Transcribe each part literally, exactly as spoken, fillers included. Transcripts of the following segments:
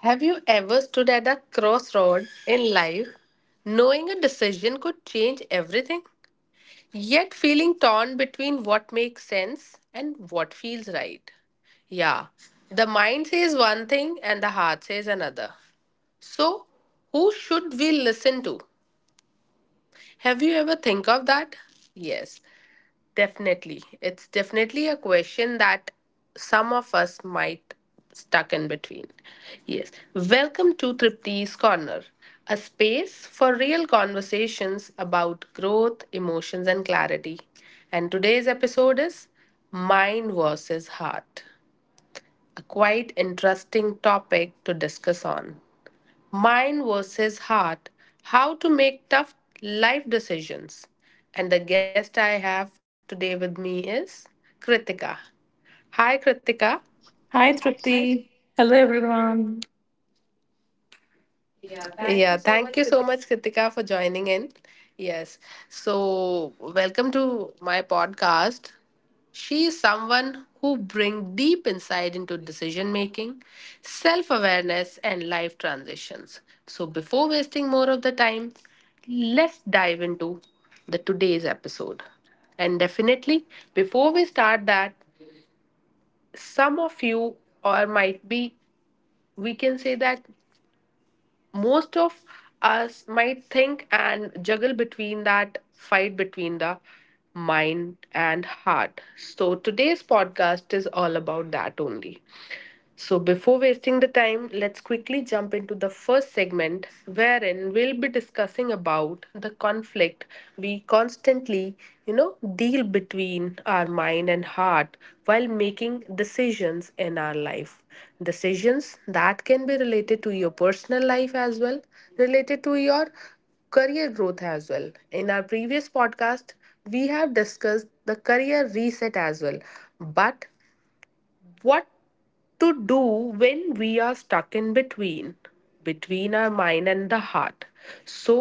Have you ever stood at a crossroad in life, knowing a decision could change everything, yet feeling torn between what makes sense and what feels right? Yeah, the mind says one thing and the heart says another. So, who should we listen to? Have you ever think of that? Yes. Definitely. It's definitely a question that some of us might stuck in between. Yes. Welcome to Tripti's Corner, a space for real conversations about growth, emotions and clarity. And today's episode is Mind versus Heart, a quite interesting topic to discuss on. Mind versus Heart, How to Make Tough Life Decisions. And the guest I have today with me is Kritika. Hi, Kritika. Hi, Tripti. Hello, everyone. Yeah, thank you so much, Kritika, for joining in. Yes. So, welcome to my podcast. She is someone who brings deep insight into decision making, self awareness, and life transitions. So, before wasting more of the time, let's dive into the today's episode. And definitely, before we start that, some of you, or might be, we can say that most of us might think and juggle between that fight between the mind and heart. So today's podcast is all about that only. So before wasting the time, let's quickly jump into the first segment, wherein we'll be discussing about the conflict we constantly, you know, deal between our mind and heart while making decisions in our life. Decisions that can be related to your personal life as well, related to your career growth as well. In our previous podcast, we have discussed the career reset as well. But what to do when we are stuck in between, between our mind and the heart? So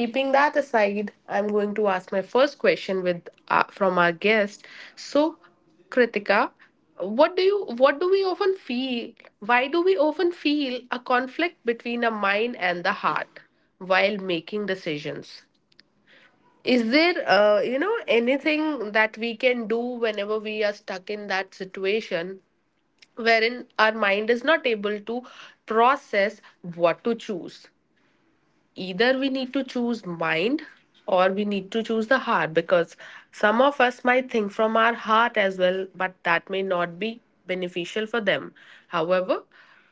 keeping that aside, I'm going to ask my first question with uh, from our guest. So, Kritika, what do you what do we often feel, why do we often feel a conflict between a mind and the heart while making decisions? Is there, uh, you know anything that we can do whenever we are stuck in that situation, wherein our mind is not able to process what to choose? Either we need to choose mind, or we need to choose the heart? Because some of us might think from our heart as well, but that may not be beneficial for them. However,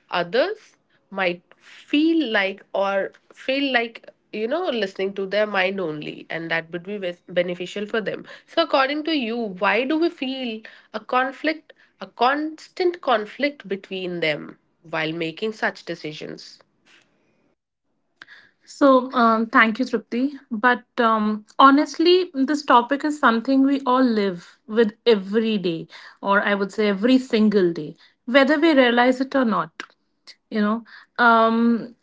others might feel like, or feel like, you know listening to their mind only, and that would be beneficial for them. So according to you, why do we feel a conflict, a constant conflict between them while making such decisions? So, um, thank you, Tripti. But um, honestly, this topic is something we all live with every day, or I would say every single day, whether we realize it or not. you know um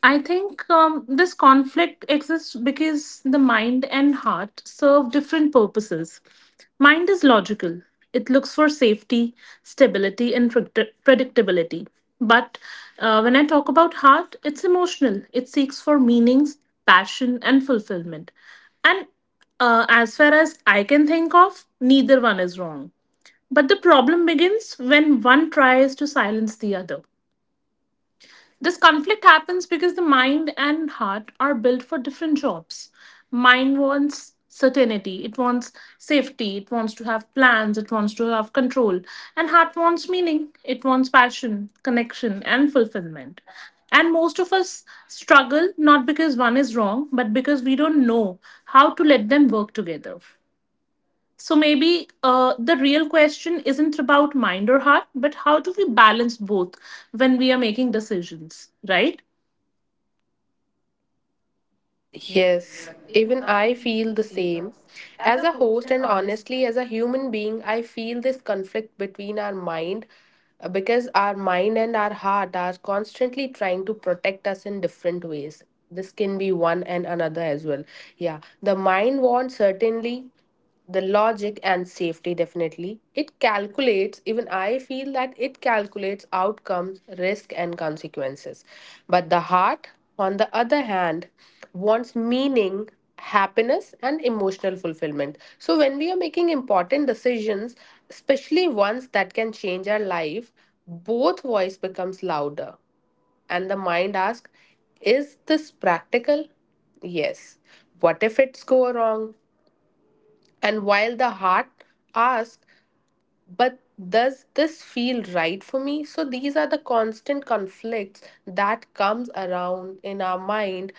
I think um, this conflict exists because the mind and heart serve different purposes. Mind is logical, it looks for safety, stability and predict- predictability. But uh, when I talk about heart, it's emotional. It seeks for meanings, passion and fulfillment. And uh, as far as I can think of, neither one is wrong, but the problem begins when one tries to silence the other. This conflict happens because the mind and heart are built for different jobs. Mind wants certainty, it wants safety, it wants to have plans, it wants to have control. And heart wants meaning, it wants passion, connection, and fulfillment. And most of us struggle not because one is wrong, but because we don't know how to let them work together. So maybe uh, the real question isn't about mind or heart, but how do we balance both when we are making decisions, right? Yes, even I feel the same. As a host, and honestly, as a human being, I feel this conflict between our mind, uh, because our mind and our heart are constantly trying to protect us in different ways. This can be one and another as well. Yeah, the mind wants certainty, the logic and safety. Definitely it calculates, even I feel that it calculates outcomes, risk and consequences. But the heart, on the other hand, wants meaning, happiness and emotional fulfillment. So when we are making important decisions, especially ones that can change our life, both voice becomes louder, and the mind asks, is this practical? Yes, what if it's go wrong? And while the heart asks, but does this feel right for me? So these are the constant conflicts that comes around in our mind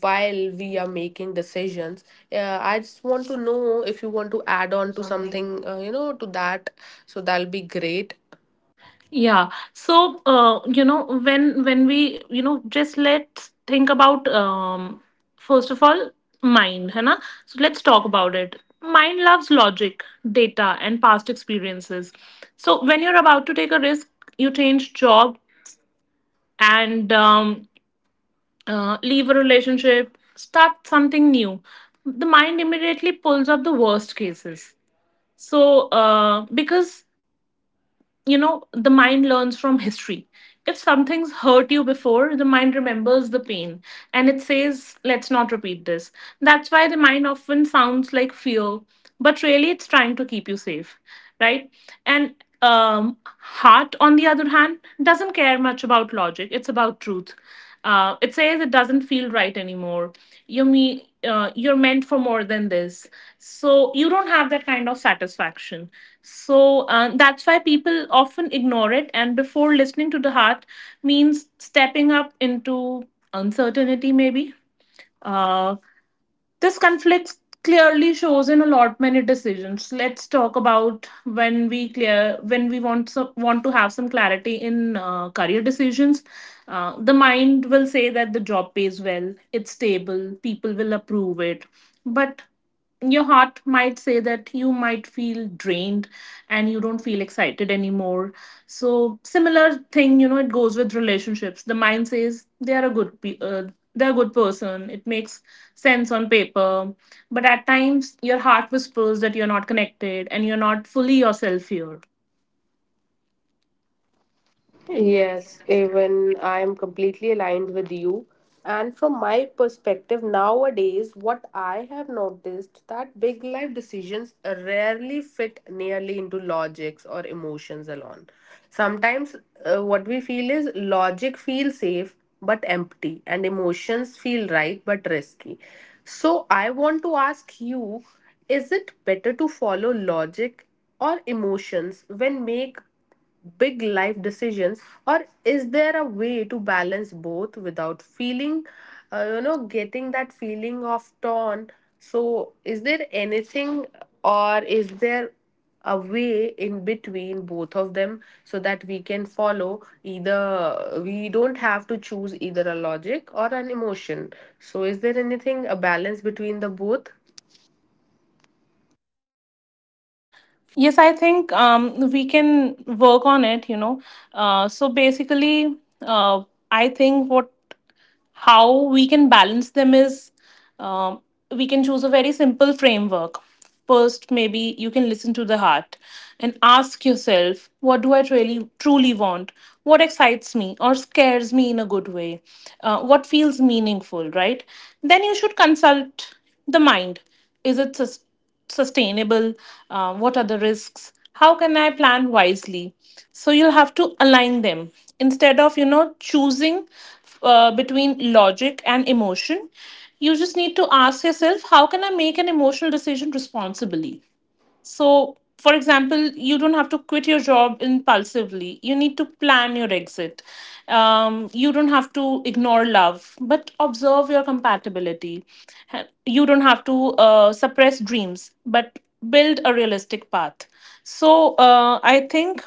while we are making decisions. Uh, I just want to know if you want to add on to something, uh, you know, to that. So that'll be great. Yeah. So, uh, you know, when when we, you know, just let's think about um first of all mind, है ना? So let's talk about it. Mind loves logic, data, and past experiences. So when you're about to take a risk, you change job and um, uh, leave a relationship, start something new. The mind immediately pulls up the worst cases. So, uh, because you know, the mind learns from history. If something's hurt you before, the mind remembers the pain and it says, let's not repeat this. That's why the mind often sounds like fear, but really it's trying to keep you safe, right? And um, heart, on the other hand, doesn't care much about logic, it's about truth. Uh, it says it doesn't feel right anymore. You me, uh, you're meant for more than this. So you don't have that kind of satisfaction. So uh, that's why people often ignore it. And before listening to the heart means stepping up into uncertainty, maybe uh, this conflict clearly shows in a lot many decisions. Let's talk about when we clear when we want so, want to have some clarity in uh, career decisions. Uh, the mind will say that the job pays well, it's stable, people will approve it, but your heart might say that you might feel drained and you don't feel excited anymore. So similar thing, you know, it goes with relationships. The mind says they are a good pe- uh, they're a good person. It makes sense on paper, but at times your heart whispers that you're not connected and you're not fully yourself here. Yes, even I am completely aligned with you. And from my perspective, nowadays, what I have noticed that big life decisions rarely fit nearly into logics or emotions alone. Sometimes uh, what we feel is logic feels safe but empty, and emotions feel right but risky. So I want to ask you, is it better to follow logic or emotions when make big life decisions, or is there a way to balance both without feeling, uh, you know getting that feeling of torn? So is there anything, or is there a way in between both of them, so that we can follow, either we don't have to choose either a logic or an emotion? So is there anything, a balance between the both? Yes, I think um, we can work on it, you know. Uh, so basically, uh, I think what how we can balance them is, um, we can choose a very simple framework. First, maybe you can listen to the heart and ask yourself, what do I really truly want? What excites me or scares me in a good way? Uh, what feels meaningful, right? Then you should consult the mind. Is it sus- sustainable? Uh, what are the risks? How can I plan wisely? So you'll have to align them instead of you know choosing uh, between logic and emotion. You just need to ask yourself, how can I make an emotional decision responsibly? So, for example, you don't have to quit your job impulsively. You need to plan your exit. Um, you don't have to ignore love, but observe your compatibility. Ha- You don't have to uh, suppress dreams, but build a realistic path. So, uh, I think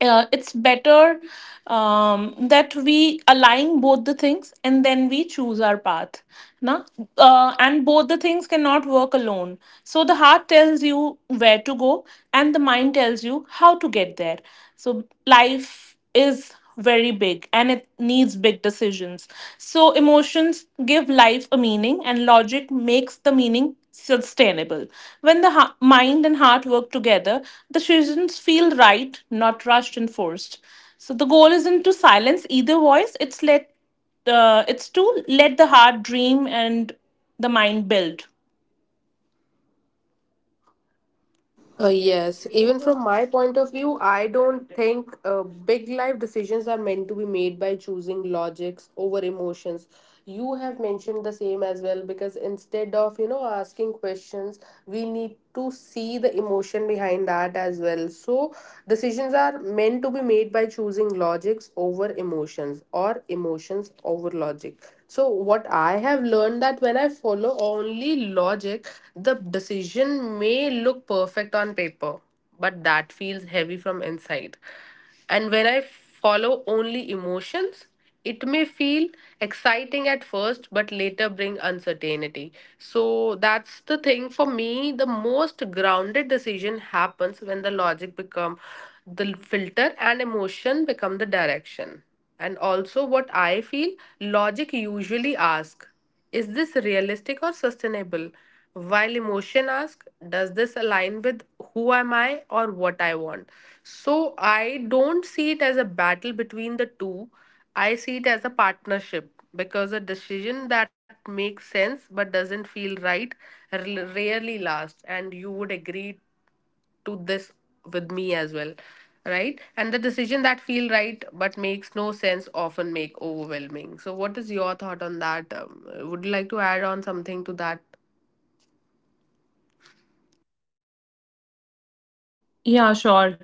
uh, it's better, um, that we align both the things and then we choose our path, na? Uh, and both the things cannot work alone. So the heart tells you where to go and the mind tells you how to get there. So life is very big and it needs big decisions. So, emotions give life a meaning, and logic makes the meaning sustainable. When the ha- mind and heart work together, decisions feel right, not rushed and forced. So, the goal isn't to silence either voice, it's, let, uh, it's to let the heart dream and the mind build. Uh, yes, even from my point of view, I don't think uh, big life decisions are meant to be made by choosing logics over emotions. You have mentioned the same as well, because instead of, you know asking questions, we need to see the emotion behind that as well. So decisions are meant to be made by choosing logics over emotions or emotions over logic. So what I have learned, that when I follow only logic, the decision may look perfect on paper, but that feels heavy from inside. And when I follow only emotions, it may feel exciting at first but later bring uncertainty. So that's the thing for me, the most grounded decision happens when the logic become the filter and emotion become the direction. And also, what I feel, logic usually asks, is this realistic or sustainable? While emotion asks, does this align with who am I or what I want? So I don't see it as a battle between the two. I see it as a partnership, because a decision that makes sense but doesn't feel right r- rarely lasts. And you would agree to this with me as well, right? And the decision that feel right but makes no sense often make overwhelming. So what is your thought on that? Um, would you like to add on something to that? Yeah, sure.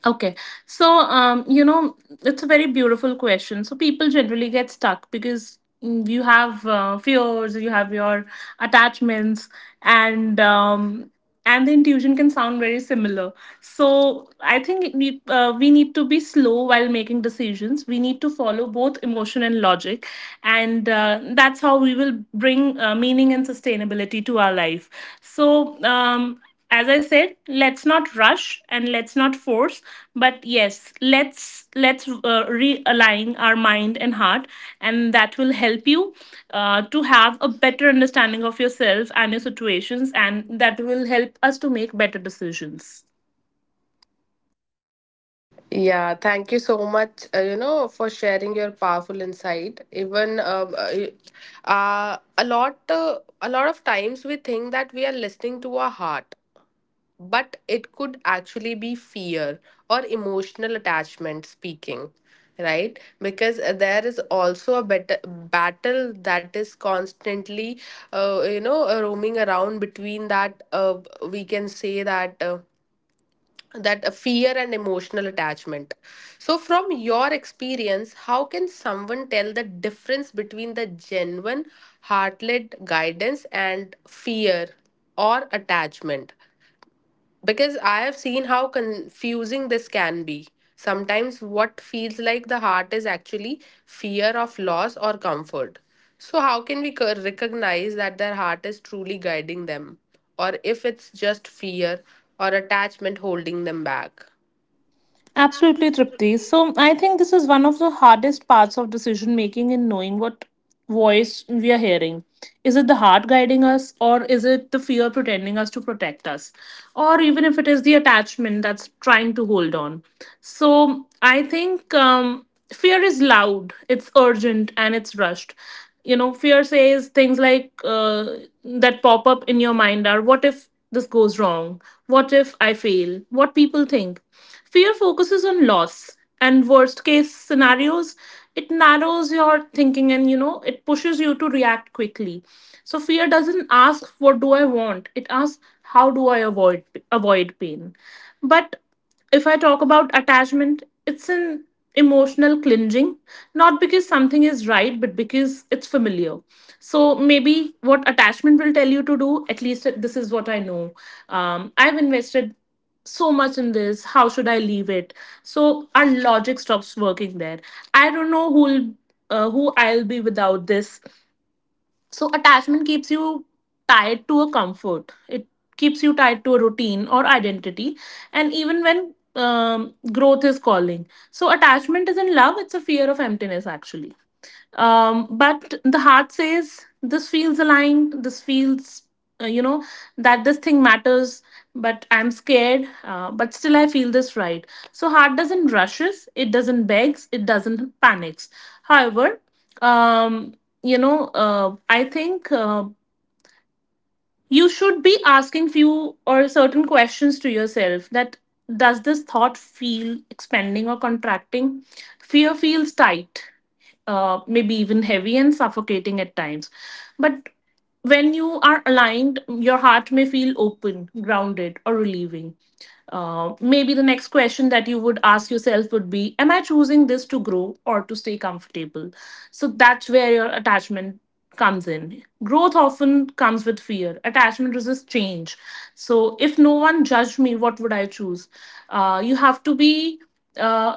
Okay, so um, you know, it's a very beautiful question. So people generally get stuck because mm, you have uh, fears, you have your attachments, and um, and the intuition can sound very similar. So I think we uh, we need to be slow while making decisions. We need to follow both emotion and logic, and uh, that's how we will bring uh, meaning and sustainability to our life. So. Um, as I said, let's not rush and let's not force, but yes, let's let's uh, realign our mind and heart, and that will help you uh, to have a better understanding of yourself and your situations, and that will help us to make better decisions. Yeah, thank you so much, uh, you know for sharing your powerful insight. Even um, uh, uh, a lot uh, a lot of times we think that we are listening to our heart, but it could actually be fear or emotional attachment speaking, right? Because uh, there is also a better battle that is constantly, uh, you know uh, roaming around between that, uh, we can say that, uh, that uh, fear and emotional attachment. So from your experience, how can someone tell the difference between the genuine heart-led guidance and fear or attachment? Because I have seen how confusing this can be. Sometimes what feels like the heart is actually fear of loss or comfort. So how can we co- recognize that their heart is truly guiding them, or if it's just fear or attachment holding them back? Absolutely, Tripti. So I think this is one of the hardest parts of decision making: in knowing what voice we are hearing. Is it the heart guiding us, or is it the fear pretending us to protect us, or even if it is the attachment that's trying to hold on? So I think um, fear is loud, it's urgent, and it's rushed. You know, fear says things like uh, that pop up in your mind are: what if this goes wrong, what if I fail, what people think? Fear focuses on loss and worst case scenarios. It narrows your thinking, and you know it pushes you to react quickly. So fear doesn't ask what do I want, it asks how do I avoid avoid pain. But if I talk about attachment, it's an emotional clinging, not because something is right, but because it's familiar. So maybe what attachment will tell you to do, at least this is what I know. Um, I've invested so much in this. How should I leave it? So our logic stops working there. I don't know who'll. Uh, who I'll be without this. So attachment keeps you tied to a comfort. It keeps you tied to a routine or identity, and even when um, growth is calling. So attachment isn't love; it's a fear of emptiness, actually. Um, but the heart says this feels aligned, this feels uh, you know that this thing matters, but I'm scared, uh, but still I feel this right. So heart doesn't rushes, it doesn't begs, it doesn't panics. However, um, you know uh, I think uh, you should be asking few or certain questions to yourself: that does this thought feel expanding or contracting? Fear feels tight, uh, maybe even heavy and suffocating at times. But when you are aligned, your heart may feel open, grounded, or relieving. Uh, maybe the next question that you would ask yourself would be, am I choosing this to grow or to stay comfortable? So that's where your attachment comes in. Growth often comes with fear, attachment resists change. So if no one judged me, what would I choose? Uh, you have to be. Uh,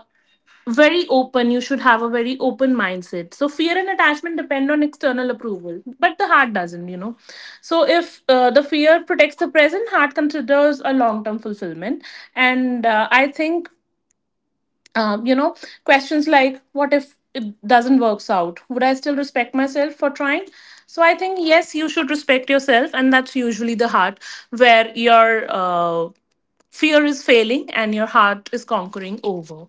Very open. You should have a very open mindset. So fear and attachment depend on external approval but the heart doesn't, you know. So if uh, the fear protects the present, heart considers a long term fulfillment. And uh, i think um, you know questions like, what if it doesn't works out, would I still respect myself for trying? So I think yes, you should respect yourself, and that's usually the heart, where your uh, fear is failing and your heart is conquering over.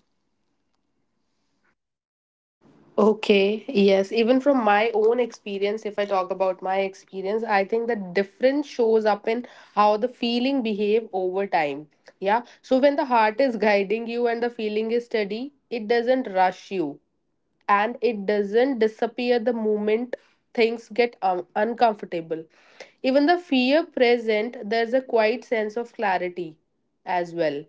Okay, yes. Even from my own experience, if I talk about my experience, I think the difference shows up in how the feeling behave over time. Yeah. So when the heart is guiding you and the feeling is steady, it doesn't rush you, and it doesn't disappear the moment things get um, uncomfortable. Even the fear present, there's a quiet sense of clarity as well.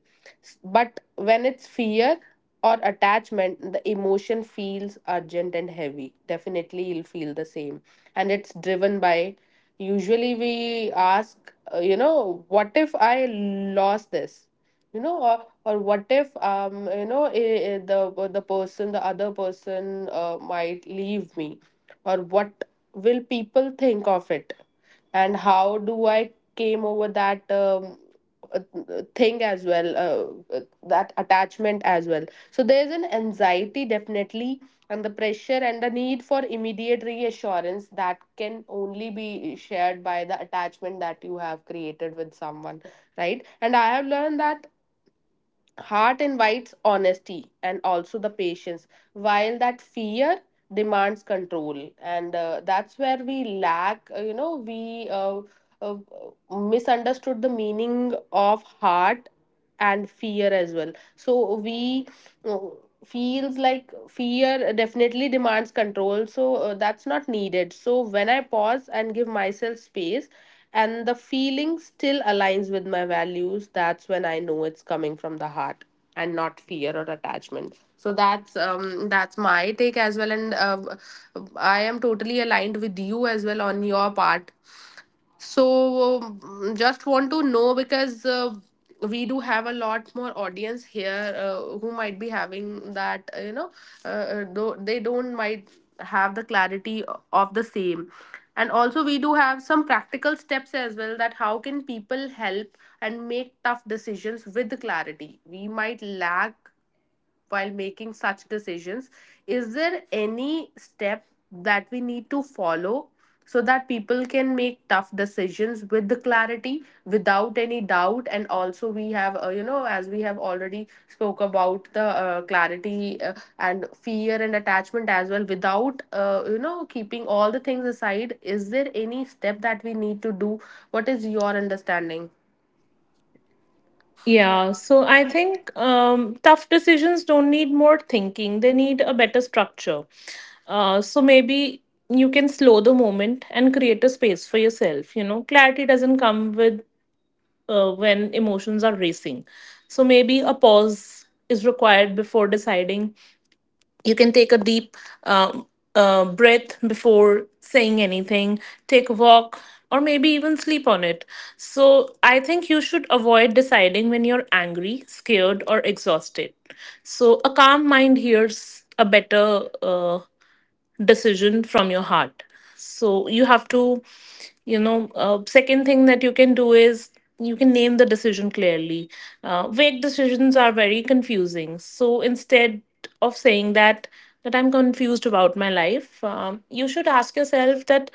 S- but when it's fear or attachment, the emotion feels urgent and heavy, definitely you'll feel the same. And it's driven by, usually we ask, uh, you know what if I lost this, you know or or what if, um you know eh, eh, the the person, the other person uh, might leave me, or what will people think of it, and how do I came over that, um, uh, thing as well, uh, uh, that attachment as well. So there's an anxiety, definitely, and the pressure and the need for immediate reassurance that can only be shared by the attachment that you have created with someone, right? And I have learned that heart invites honesty and also the patience, while that fear demands control. And uh, that's where we lack, uh, you know we uh, uh, misunderstood the meaning of heart and fear as well. So we uh, feels like fear definitely demands control. So uh, that's not needed. So when I pause and give myself space and the feeling still aligns with my values, that's when I know it's coming from the heart and not fear or attachment. So that's, um, that's my take as well. And uh, I am totally aligned with you as well on your part. So, um, just want to know, because uh, we do have a lot more audience here, uh, who might be having that, uh, you know, uh, though they don't might have the clarity o- of the same. And also, we do have some practical steps as well, that how can people help and make tough decisions with clarity. We might lack while making such decisions. Is there any step that we need to follow so that people can make tough decisions with the clarity without any doubt? And also we have, uh, you know as we have already spoke about the uh, clarity uh, and fear and attachment as well, without, uh, you know keeping all the things aside, is there any step that we need to do? What is your understanding? Yeah, so I think um, tough decisions don't need more thinking, they need a better structure. Uh, so maybe you can slow the moment and create a space for yourself. You know, clarity doesn't come with uh, when emotions are racing. So maybe a pause is required before deciding. You can take a deep um, uh, breath before saying anything, take a walk, or maybe even sleep on it. So I think you should avoid deciding when you're angry, scared or exhausted. So a calm mind hears a better uh, decision from your heart. So you have to, you know, uh, second thing that you can do is, you can name the decision clearly. Uh, vague decisions are very confusing, so instead of saying that that I'm confused about my life, um, you should ask yourself that,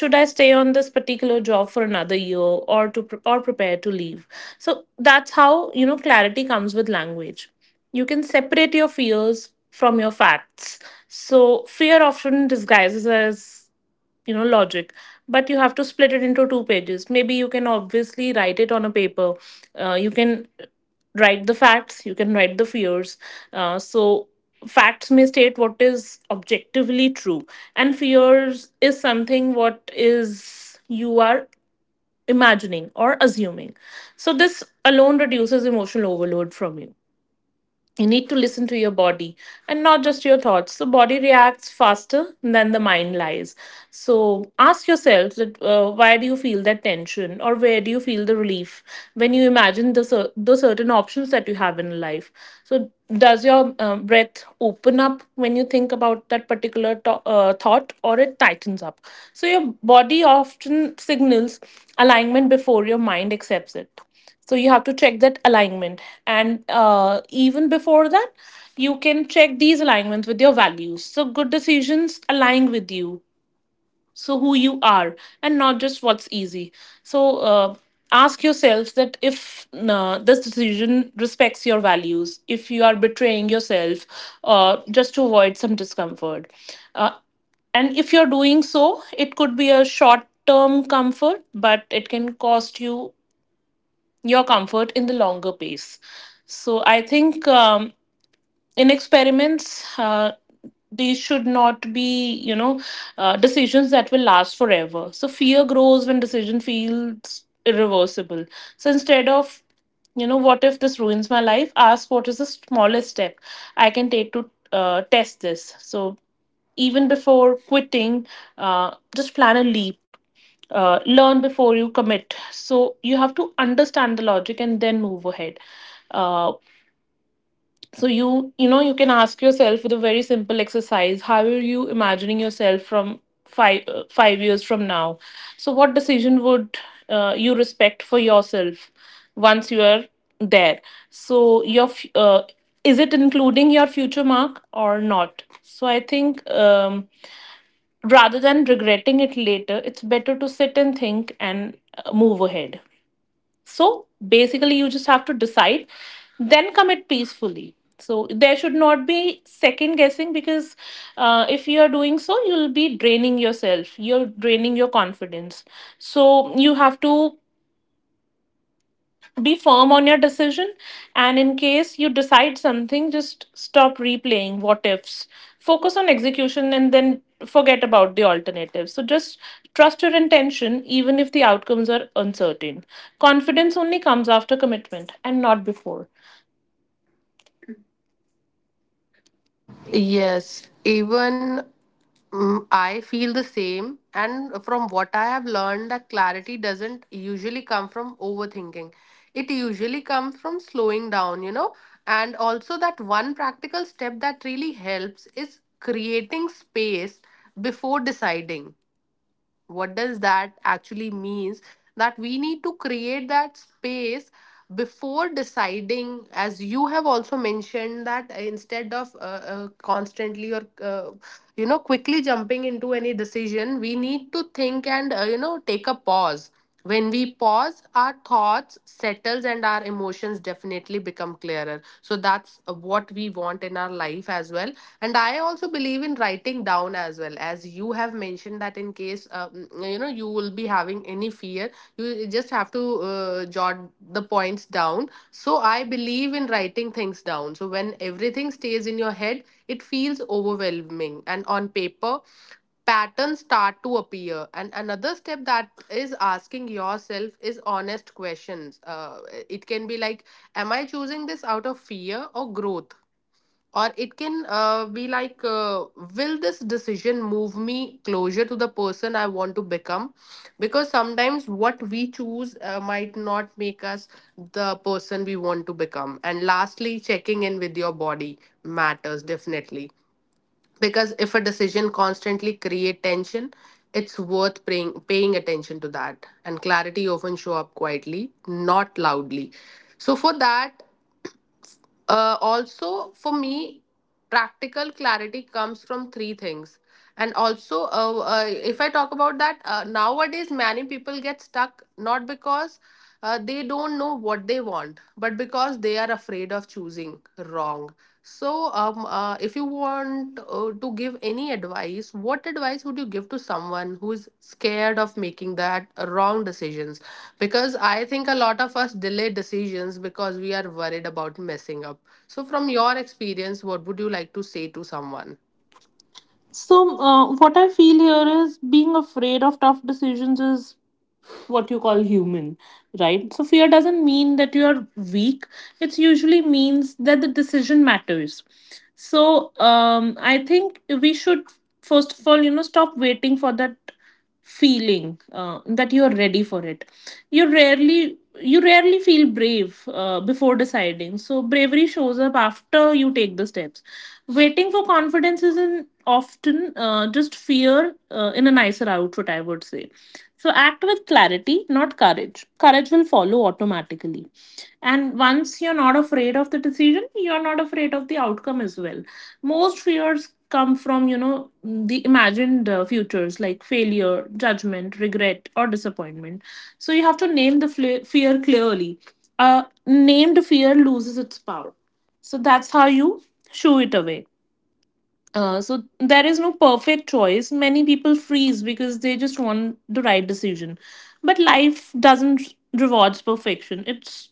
should I stay on this particular job for another year or to pre- or prepare to leave? So that's how you know clarity comes with language. You can separate your fears from your facts. So fear often disguises as you know logic, but you have to split it into two pages. Maybe you can obviously write it on a paper. Uh, you can write the facts. You can write the fears. Uh, so facts may state what is objectively true, and fears is something what is you are imagining or assuming. So this alone reduces emotional overload from you you need to listen to your body and not just your thoughts. So body reacts faster than the mind lies. So ask yourself that uh, why do you feel that tension, or where do you feel the relief when you imagine the, cer- the certain options that you have in life. So does your um, breath open up when you think about that particular to- uh, thought, or it tightens up? So your body often signals alignment before your mind accepts it. So you have to check that alignment. And uh, even before that, you can check these alignments with your values. So good decisions align with you, so who you are and not just what's easy. So uh, ask yourself that if uh, this decision respects your values, if you are betraying yourself uh, just to avoid some discomfort. Uh, and if you're doing so, it could be a short term comfort, but it can cost you your comfort in the longer pace. So I think, um, in experiments, uh, these should not be, you know, uh, decisions that will last forever. So fear grows when decision feels irreversible. So instead of, you know, what if this ruins my life? Ask what is the smallest step I can take to uh, test this. So even before quitting, uh, just plan a leap, uh, learn before you commit. So you have to understand the logic and then move ahead. Uh, so you you know you can ask yourself with a very simple exercise: how are you imagining yourself from five uh, five years from now? So what decision would uh, you respect for yourself once you are there? So your f- uh, is it including your future mark or not? So I think, Um, rather than regretting it later, it's better to sit and think and uh, move ahead. So basically, you just have to decide, then commit peacefully. So there should not be second guessing, because uh, if you are doing so, you'll be draining yourself. You're draining your confidence. So you have to be firm on your decision, and in case you decide something, just stop replaying what ifs. Focus on execution and then forget about the alternatives. So just trust your intention even if the outcomes are uncertain. Confidence only comes after commitment and not before. Yes, even, mm, I feel the same. And from what I have learned, that clarity doesn't usually come from overthinking. It usually comes from slowing down, you know. And also, that one practical step that really helps is creating space before deciding. What does that actually means? That we need to create that space before deciding, as you have also mentioned, that instead of uh, uh, constantly or uh, you know, quickly jumping into any decision, we need to think and uh, you know, take a pause. When we pause, our thoughts settles and our emotions definitely become clearer, so that's uh, what we want in our life as well. And I also believe in writing down as well, as you have mentioned, that in case uh, mm, you know, you will be having any fear, you just have to uh, jot the points down. So I believe in writing things down, so when everything stays in your head, it feels overwhelming, and on paper, patterns start to appear. And another step that is asking yourself is honest questions. Uh, it can be like, am I choosing this out of fear or growth? Or it can uh, be like, uh, will this decision move me closer to the person I want to become? Because sometimes what we choose uh, might not make us the person we want to become. And lastly, checking in with your body matters definitely, because if a decision constantly create tension, it's worth paying paying attention to that. And clarity often show up quietly, not loudly. So for that, uh, also for me, practical clarity comes from three things. And also, uh, uh, if I talk about that, uh, nowadays many people get stuck, not because uh, they don't know what they want, but because they are afraid of choosing wrong. So, um, uh, if you want uh, to give any advice, what advice would you give to someone who is scared of making that wrong decisions? Because I think a lot of us delay decisions because we are worried about messing up. So, from your experience, what would you like to say to someone? So uh, what I feel here is being afraid of tough decisions is what you call human, right? So fear doesn't mean that you are weak. It usually means that the decision matters. So um, I think we should first of all, you know, stop waiting for that feeling uh, that you are ready for it. You rarely you rarely feel brave uh, before deciding. So bravery shows up after you take the steps. Waiting for confidence isn't often uh, just fear uh, in a nicer outfit, I would say. So act with clarity, not courage. Courage will follow automatically. And once you're not afraid of the decision, you're not afraid of the outcome as well. Most fears come from, you know, the imagined uh, futures like failure, judgment, regret, or disappointment. So you have to name the fle- fear clearly. A named fear loses its power. So that's how you shoo it away. Uh, so there is no perfect choice. Many people freeze because they just want the right decision. But life doesn't r- rewards perfection. It's,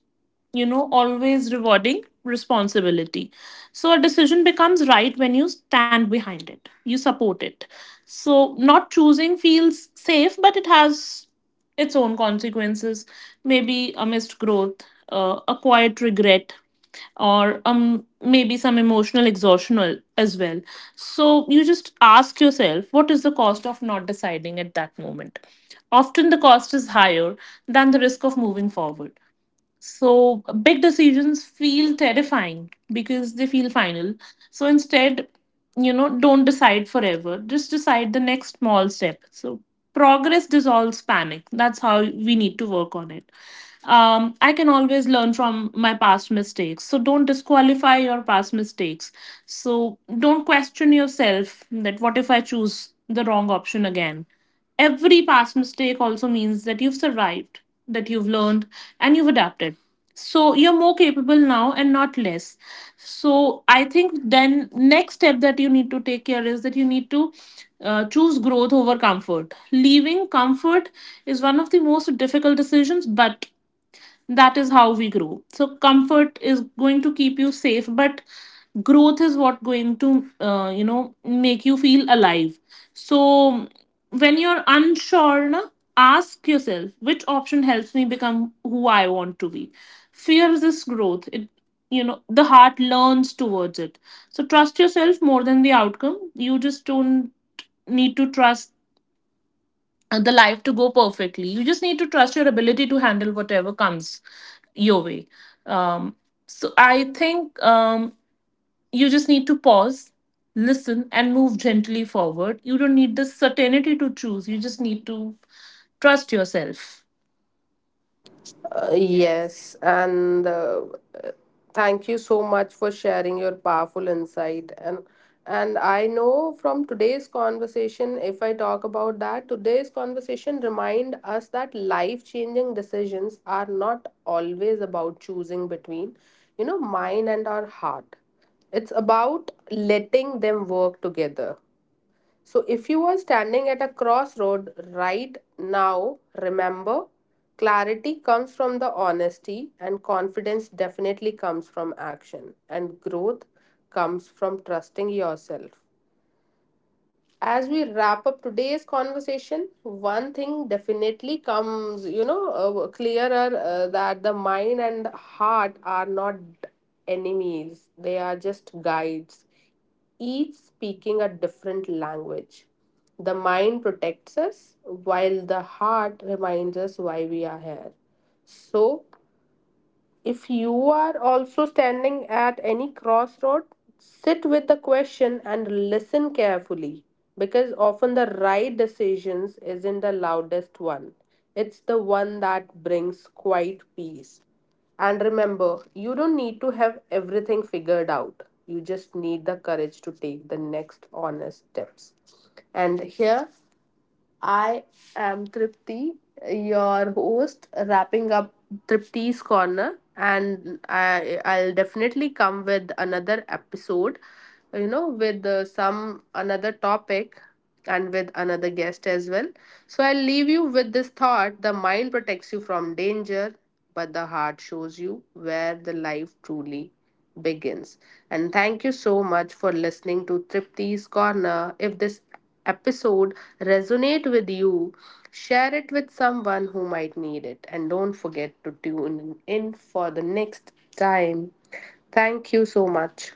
you know, always rewarding responsibility. So a decision becomes right when you stand behind it. You support it. So not choosing feels safe, but it has its own consequences, maybe a missed growth, uh, a quiet regret, or um, maybe some emotional exhaustion al- as well. So you just ask yourself, what is the cost of not deciding at that moment? Often the cost is higher than the risk of moving forward. So big decisions feel terrifying because they feel final. So instead, you know, don't decide forever. Just decide the next small step. So progress dissolves panic. That's how we need to work on it. Um, I can always learn from my past mistakes. So don't disqualify your past mistakes. So don't question yourself that what if I choose the wrong option again? Every past mistake also means that you've survived, that you've learned, and you've adapted. So you're more capable now and not less. So I think then next step that you need to take care is that you need to uh, choose growth over comfort. Leaving comfort is one of the most difficult decisions, but that is how we grow. So comfort is going to keep you safe, but growth is what going to uh, you know, make you feel alive. So when you're unsure na, ask yourself which option helps me become who I want to be. Fear this growth it, you know, the heart learns towards it. So trust yourself more than the outcome. You just don't need to trust uh, the life to go perfectly. You just need to trust your ability to handle whatever comes your way. Um, so I think, um, you just need to pause, listen, and move gently forward. You don't need the certainty to choose. You just need to trust yourself. Uh, yes, and uh, thank you so much for sharing your powerful insight. And and I know from today's conversation, if I talk about that, today's conversation remind us that life-changing decisions are not always about choosing between, you know, mind and our heart. It's about letting them work together. So, if you are standing at a crossroad right now, remember, clarity comes from the honesty, and confidence definitely comes from action, and growth comes from trusting yourself. As we wrap up today's conversation, one thing definitely comes, you know uh, clearer, uh, that the mind and heart are not enemies, they are just guides, each speaking a different language. The mind protects us while the heart reminds us why we are here. So if you are also standing at any crossroad, sit with the question and listen carefully, because often the right decisions isn't the loudest one. It's the one that brings quiet peace. And remember, you don't need to have everything figured out. You just need the courage to take the next honest steps. And here I am Tripti, your host, wrapping up Tripti's Corner, and I, I'll definitely come with another episode, you know, with uh, some another topic and with another guest as well. So I'll leave you with this thought: the mind protects you from danger, but the heart shows you where the life truly begins. And thank you so much for listening to Tripti's Corner. If this episode resonate with you, share it with someone who might need it. And don't forget to tune in for the next time. Thank you so much.